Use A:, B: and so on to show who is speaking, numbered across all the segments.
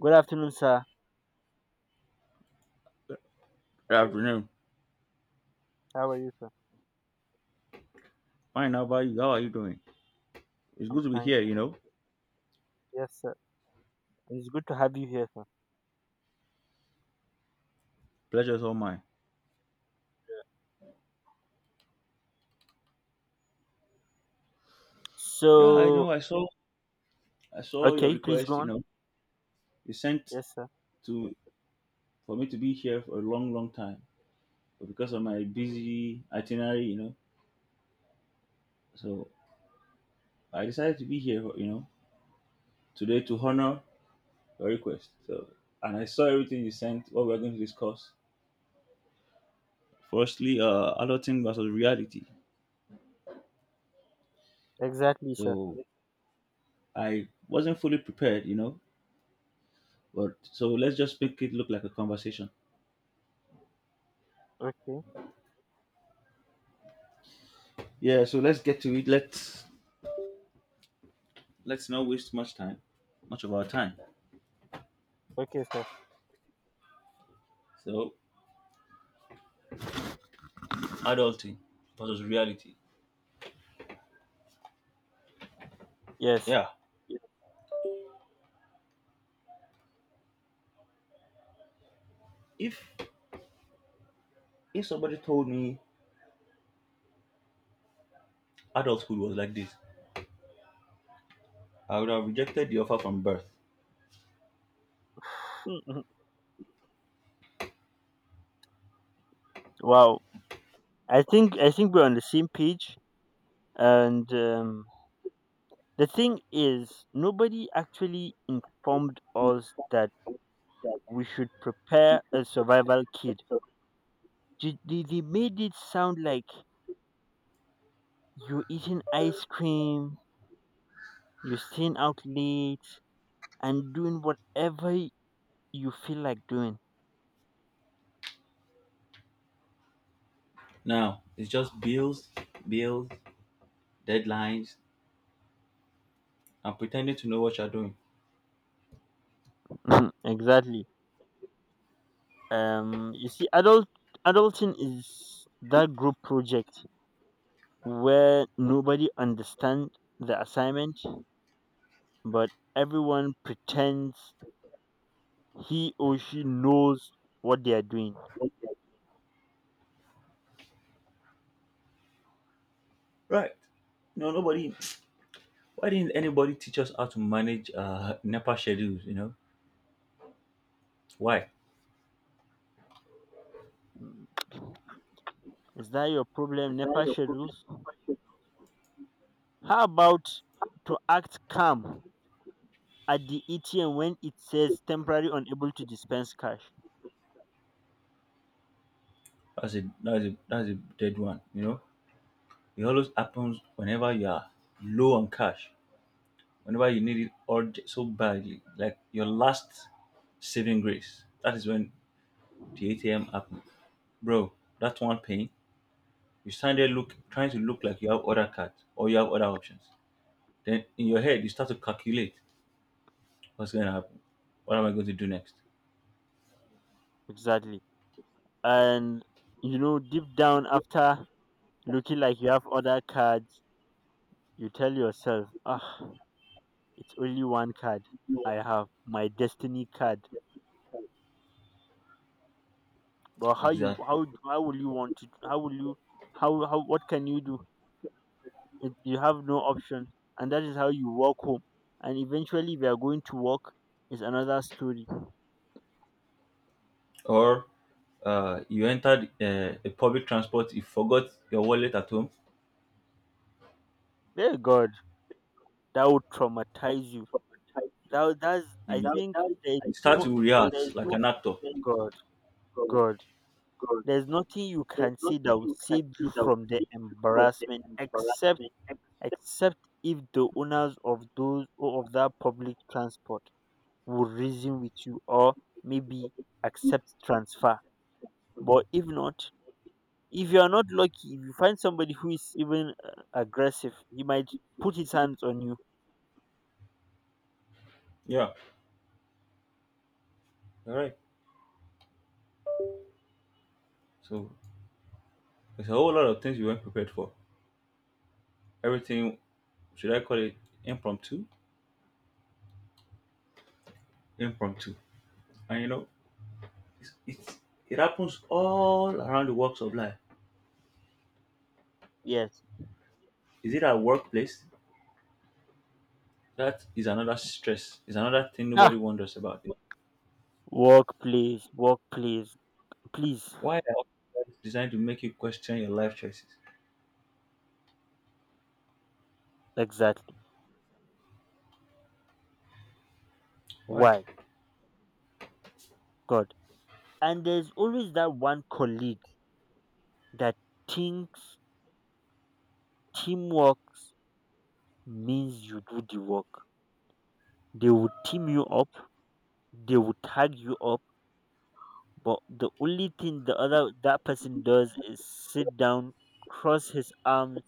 A: Good afternoon, sir.
B: Good afternoon.
A: How are you, sir?
B: Fine, how about you? How are you doing? It's
A: I'm
B: good to be
A: fine,
B: here,
A: sir.
B: you know.
A: Yes, sir. It's good to have you here, sir.
B: Pleasure's all mine. Yeah, I
A: So,
B: know. I saw your
A: okay, please go
B: request, you
A: on.
B: know. You sent
A: Yes, sir.
B: to for me to be here for a long, long time. But because of my busy itinerary, you know, so I decided to be here, you know, today to honor your request. So and I saw everything you sent, what we're going to discuss. Firstly, adulting versus reality.
A: Exactly, sir.
B: So I wasn't fully prepared, you know. But so let's just make it look like a conversation.
A: Okay.
B: Yeah, so let's get to it. Let's not waste much time, much of our time.
A: Okay, sir.
B: So adulting versus reality.
A: Yes.
B: Yeah. If if somebody told me adulthood was like this, I would have rejected the offer from birth.
A: Mhm. Wow. I think we're on the same page. And The thing is, nobody actually informed us that we should prepare a survival kit. They made it sound like you're eating ice cream, you're staying out late, and doing whatever you feel like doing.
B: Now it's just bills, bills, deadlines, and pretending to know what you're doing.
A: Exactly. You see, adulting is that group project where nobody understands the assignment, but everyone pretends he or she knows what they are doing.
B: Right. No, nobody. Why didn't anybody teach us how to manage NEPA schedules? You know why?
A: Mm, Is that your problem, NEPA schedules? How about to act calm at the ATM when it says temporary unable to dispense cash?
B: That's a dead one. You know it always happens whenever you are low on cash, whenever you need it so badly, like your last saving grace. That is when the ATM happened. Bro, that one pain, you stand there look trying to look like you have other cards or you have other options. Then in your head you start to calculate what's gonna happen. What am I going to do next?
A: Exactly. And you know, deep down, after looking like you have other cards, you tell yourself, ah, it's only one card I have, my destiny card. But how you
B: Exactly.
A: how will you want to how will you how what can you do? You have no option, and that is how you walk home. And eventually, we are going to walk is another story.
B: Or you entered a public transport, you forgot your wallet at home,
A: Dear God, that would traumatize you. That's,
B: you,
A: I think,
B: be,
A: there is
B: you start
A: no
B: to was
A: there is
B: rehearse like
A: no
B: so an actor.
A: God God. There's nothing you can say that will save you from the embarrassment, except except if the owners of those or of that public transport will reason with you or maybe accept transfer. But if not, if you are not lucky, if you find somebody who is even aggressive, he might put his hands on you.
B: Yeah. All right. So there's a whole lot of things you weren't prepared for. Everything, should I call it impromptu? Impromptu. And you know, it's, it's, it happens all around the walks of life.
A: Yes.
B: Is it at workplace? That is another stress. Is another thing nobody
A: Ah,
B: wonders about.
A: work, please, please.
B: Why are officers designed to make you question your life choices?
A: Exactly.
B: Why
A: Why? God. And there's always that one colleague that thinks teamworks means you do the work. They would team you up, they would tag you up, but the only thing the other that person does is sit down, cross his arms,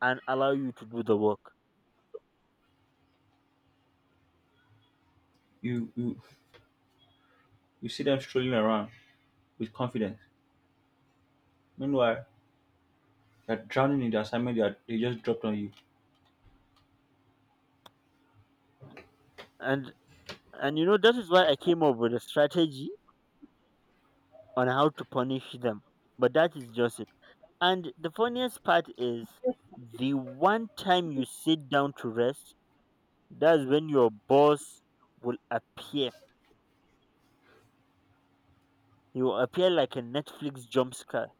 A: and allow you to do the work.
B: you you you see them strolling around with confidence. Meanwhile, they're drowning in the assignment they just dropped on you.
A: And and you know, that is why I came up with a strategy on how to punish them. But that is just it. And the funniest part is, the one time you sit down to rest, that's when your boss will appear. You appear like a Netflix jump scare.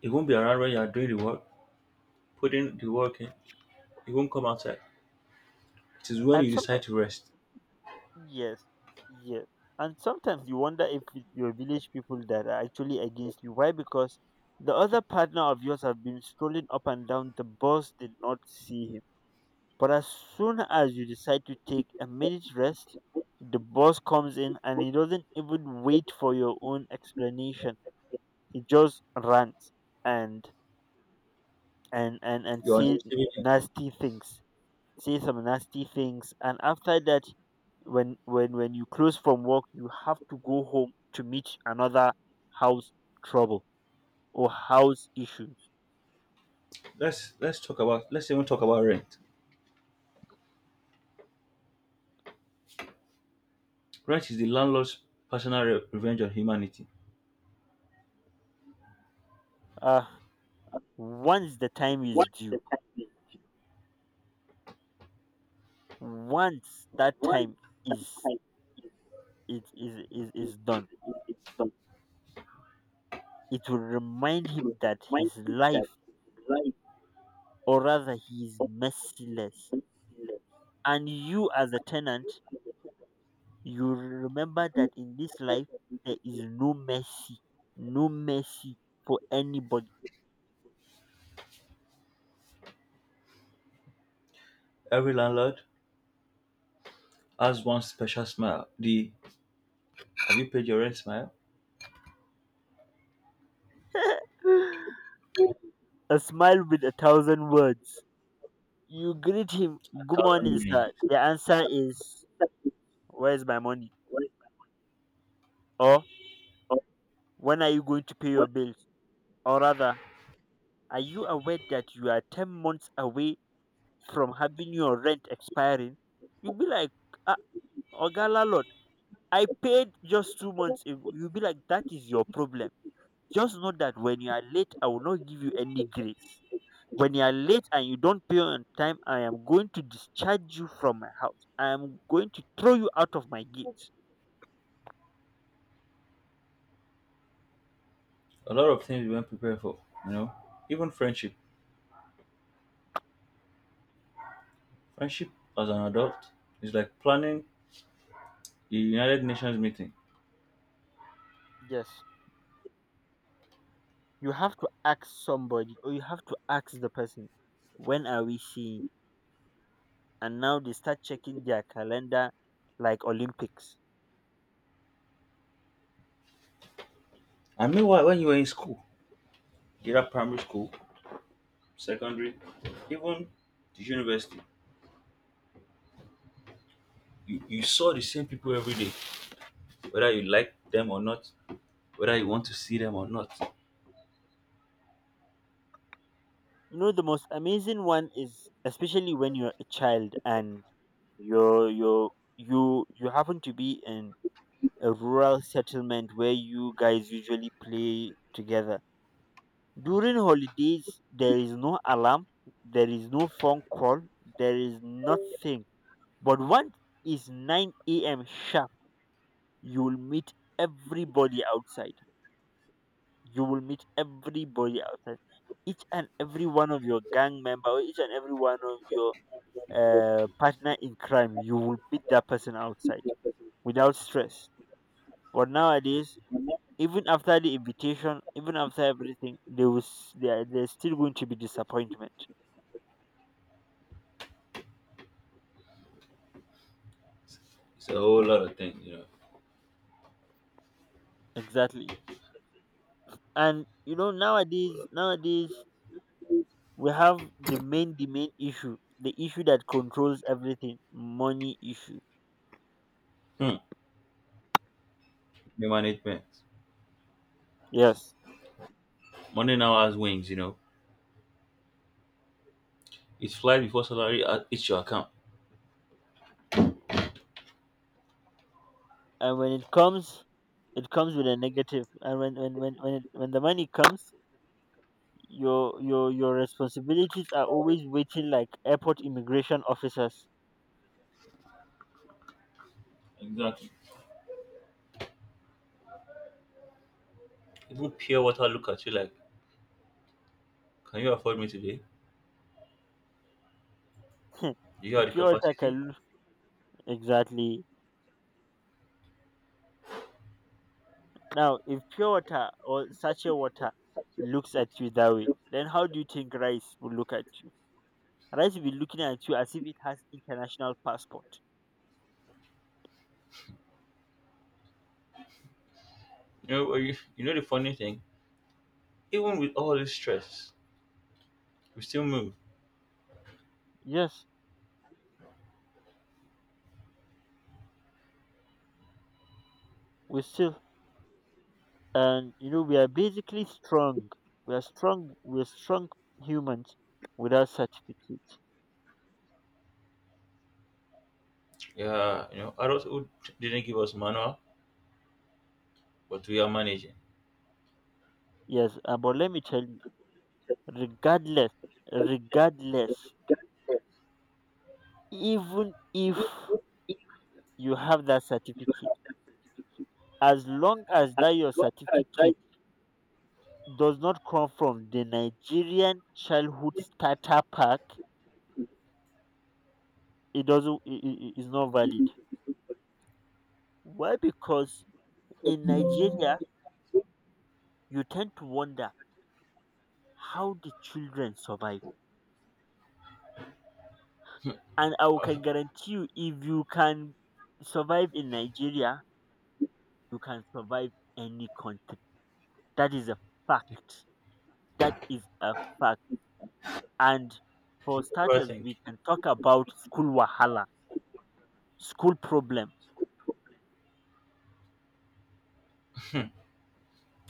B: It won't be around when you are doing the work, putting the work in. It won't come outside. It is when
A: And
B: you decide
A: sometimes,
B: to rest.
A: yes, yes. And sometimes you wonder if it's your village people that are actually against you. Why? Because the other partner of yours have been strolling up and down. The boss did not see him. But as soon as you decide to take a minute rest, the boss comes in and he doesn't even wait for your own explanation. He just runs and and
B: You're on the
A: say
B: receiving end.
A: nasty things, say some nasty things, and after that, when you close from work, you have to go home to meet another house trouble or house issues.
B: Let's even talk about rent. Rent is the landlord's revenge on humanity.
A: uh Once the time is due, once that time is is done, it will remind him that his life, or rather he, is merciless, and you as a tenant, you remember that in this life there is no mercy, no mercy, for anybody.
B: Every landlord has one special smile. The have you paid your rent smile?
A: A smile with a thousand words. You greet him,
B: A
A: "Good
B: thousand
A: morning,
B: meaning.
A: sir." The answer is, "Where's my money?" Or, "When are you going to pay your bills?" Or rather, "Are you aware that you are 10 months away from having your rent expiring?" You'll be like, "Ah, Ogala Lord, I paid just 2 months ago." You'll be like, "That is your problem. Just know that when you are late, I will not give you any grace. When you are late and you don't pay on time, I am going to discharge you from my house. I am going to throw you out of my gate."
B: A lot of things we weren't prepared for, you know. Even friendship. Friendship as an adult is like planning the United Nations meeting.
A: Yes, you have to ask somebody, or you have to ask the person, when are we seeing? And now they start checking their calendar like Olympics.
B: I mean why when you were in school, either primary school, secondary, even the university. You you, saw the same people every day, whether you like them or not, whether you want to see them or not.
A: You know, the most amazing one is especially when you're a child and you're you you you happen to be in a rural settlement where you guys usually play together. During holidays, there is no alarm, there is no phone call, there is nothing. But once it's 9 a.m. sharp, you will meet everybody outside. You will meet everybody outside. Each and every one of your gang member, or each and every one of your partner in crime, you will meet that person outside without stress. But nowadays, even after the invitation, even after everything, there's still going to be disappointment.
B: It's a whole lot of things, you know.
A: Exactly. And you know, nowadays we have the main issue, the issue that controls everything: money issue.
B: Hmm. Money management.
A: Yes.
B: Money now has wings, you know. It's fly before salary hits your account.
A: And when it comes, it comes with a negative. And when the money comes, your responsibilities are always waiting like airport immigration officers.
B: Exactly. Even pure water look at you like, can you afford me today? Do you have
A: if
B: the
A: pure water
B: capacity?
A: can loo- Exactly. Now if pure water or sachet water looks at you that way, then how do you think rice will look at you? Right will be looking at you as if it has international passport.
B: You know the funny thing? Even with all this stress, we still move.
A: Yes, we still, and you know, we are basically strong. We are strong. We are strong humans without certificates.
B: Yeah, you know, adulthood didn't give us manual, but we are managing.
A: Yes, but let me tell you, regardless, regardless, even if you have that certificate, as long as that your certificate does not come from the Nigerian childhood starter pack, it doesn't. It is not valid. Why? Because in Nigeria, you tend to wonder how the children survive. And I can guarantee you, if you can survive in Nigeria, you can survive any country. That is a
B: Do
A: fact. That is a fact. And for
B: you ever
A: starters,
B: think
A: we can talk about school wahala, school problem.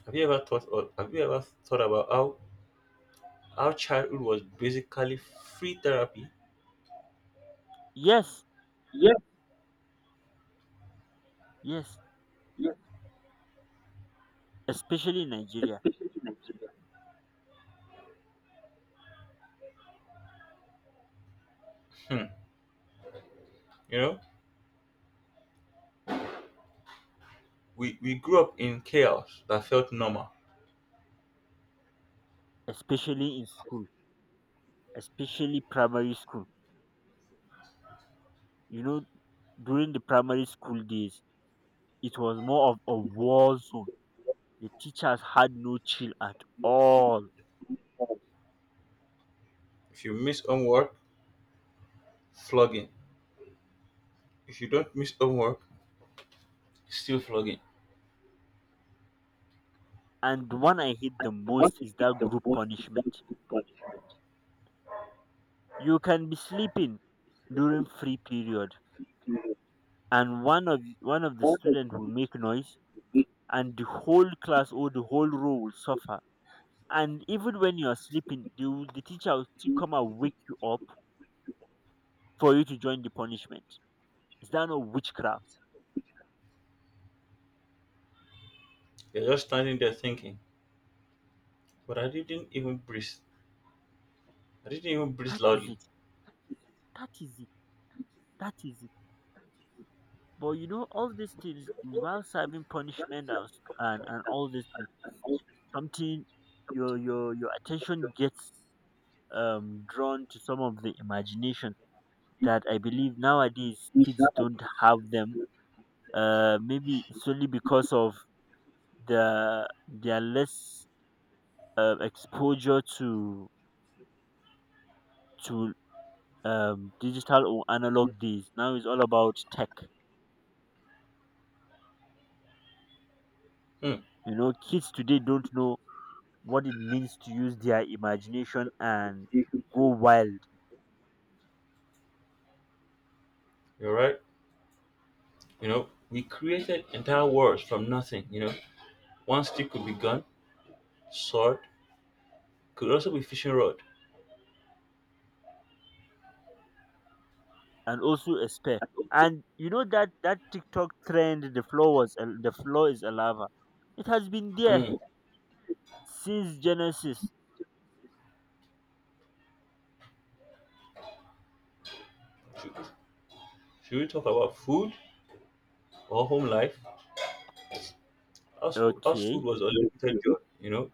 B: Have you ever thought about how our childhood was basically free therapy?
A: Yes, yes, especially in Nigeria,
B: Hmm. You know, we grew up in chaos that felt normal.
A: especially in school, especially primary school. You know, during the primary school days, it was more of a war zone. The teachers had no chill at all.
B: If you miss homework, flogging. If you don't miss homework, still flogging.
A: And the one I hate the most is that group punishment. You can be sleeping during free period, and one of the students will make noise and the whole class or the whole row will suffer. And even when you are sleeping, the teacher will still come and wake you up for you to join the punishment. Is that not witchcraft?
B: You're just standing there thinking, but I didn't even breathe. I didn't even breathe
A: That is
B: loudly.
A: it. That is it. That is it. But you know, all these things while serving punishment, and all these things, something, your attention gets drawn to some of the imagination that I believe nowadays kids don't have them. Maybe it's only because of their less exposure to to digital or analog days. Now it's all about tech.
B: Hmm.
A: You know, kids today don't know what it means to use their imagination and go wild.
B: You're right. You know, we created entire worlds from nothing. You know, one stick could be gun, sword, could also be fishing rod.
A: And also a spare. And you know that TikTok trend, the floor is a lava. It has been there
B: Hmm.
A: since Genesis.
B: Should, should we talk about food? Or home life. House food
A: Okay.
B: was unlimited joy, you know,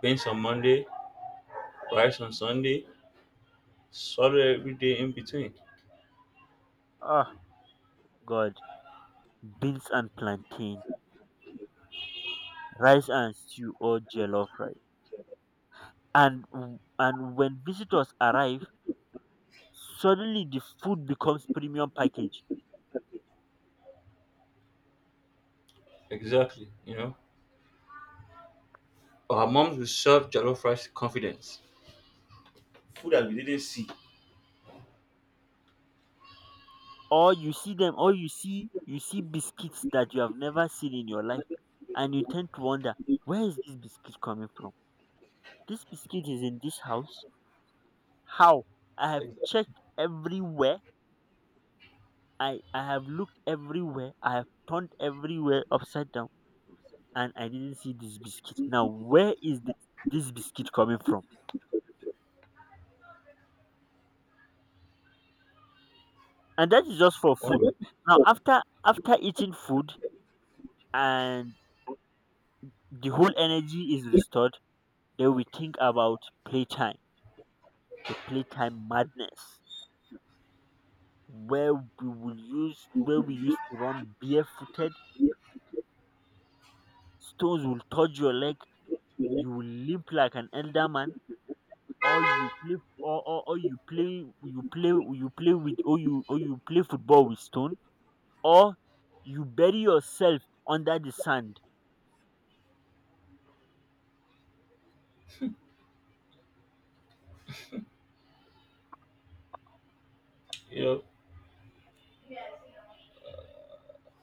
B: beans on Monday, rice on Sunday, salad every day in between.
A: Oh God, beans and plantain, rice and stew or jollof rice. And when visitors arrive, suddenly the food becomes premium package.
B: Exactly, you know. Our moms would serve jollof rice with confidence. Food that we didn't see.
A: Or you see biscuits that you have never seen in your life, and you tend to wonder where is this biscuit coming from. This biscuit is in this house. How? I have
B: Exactly.
A: checked everywhere. I have looked everywhere. I have turned everywhere upside down and I didn't see this biscuit. Now, where is this biscuit coming from? And that is just for
B: Or,
A: food. Oh. Now, after eating food and the whole energy is restored, then we think about playtime, the playtime madness, where we used to run barefooted, stones will touch your leg, you will limp like an elder man, or you play football with stone, or you bury yourself under the sand.
B: you know,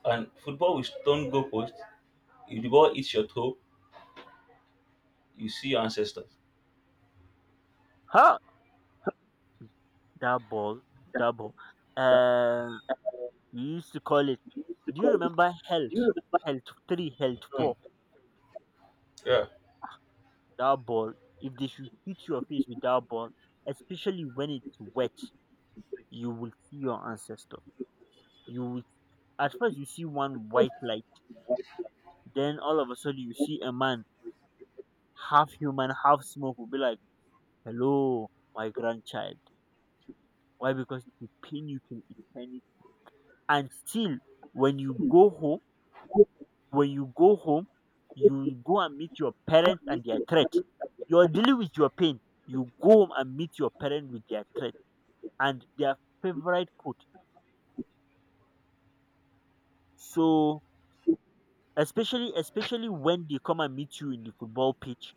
B: and football with stone goalpost. If the ball hits your toe, you see your ancestors.
A: Huh? That ball, that ball. Uh, we used to call it. Do you remember health? Health three, health
B: Hmm,
A: four.
B: yeah.
A: That ball, if they should hit your face with that ball, especially when it's wet, you will see your ancestor. You will. At first, you see one white light. Then all of a sudden, you see a man half human, half smoke will be like, "Hello, my grandchild." Why? Because it will pain you till eternity. And still, when you go home, when you go home, you go and meet your parents and their threat. You are dealing with your pain. You go home and meet your parents with their threat and their favorite quote. So especially when they come and meet you in the football pitch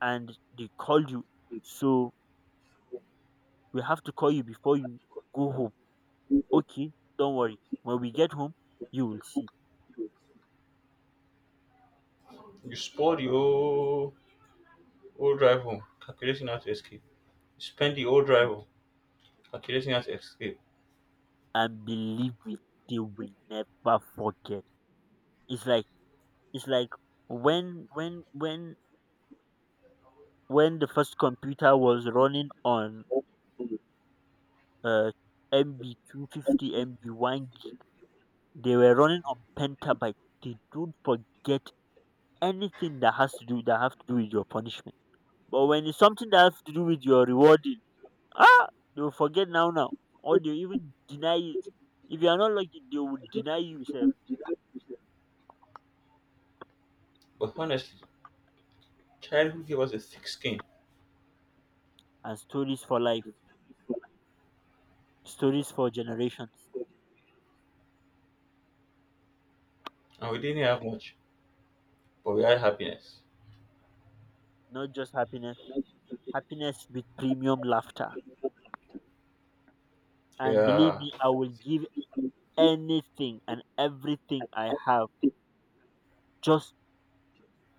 A: and they call you. So we have to call you before you go home. Okay, don't worry. When we get home, you will see.
B: You spoil the whole, whole drive home, calculating how to escape. You spend the whole drive home, calculating how to escape.
A: And believe me, they will never forget. It's like it's like when when when when the first computer was running on uh MB 250 MB one gig, they were running on pentabyte. They don't forget anything that has to do with your punishment. But when it's something that has to do with your reward, Ah! They will forget now, or they even deny it. If you are not lucky, they will deny you self.
B: But honestly, childhood gave us a thick skin
A: And stories for life, stories for generations,
B: and we didn't have much, but we had happiness.
A: not just happiness. Happiness with premium laughter. And believe
B: Yeah,
A: me, I will give anything and everything I have just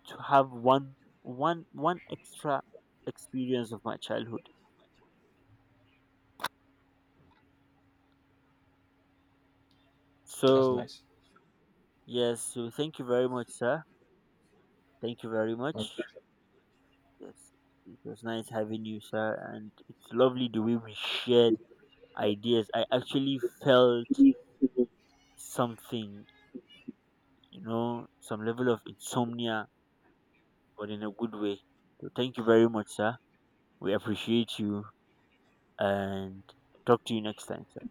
A: to have one extra experience of my childhood.
B: that's
A: So
B: nice.
A: yes, so thank you very much, sir. Thank you very
B: My
A: much.
B: pleasure.
A: Yes, it was nice having you, sir, and it's lovely the way we shared ideas. I actually felt something, some level of insomnia, but in a good way. So thank you very much, sir. We appreciate you and talk to you next time, sir.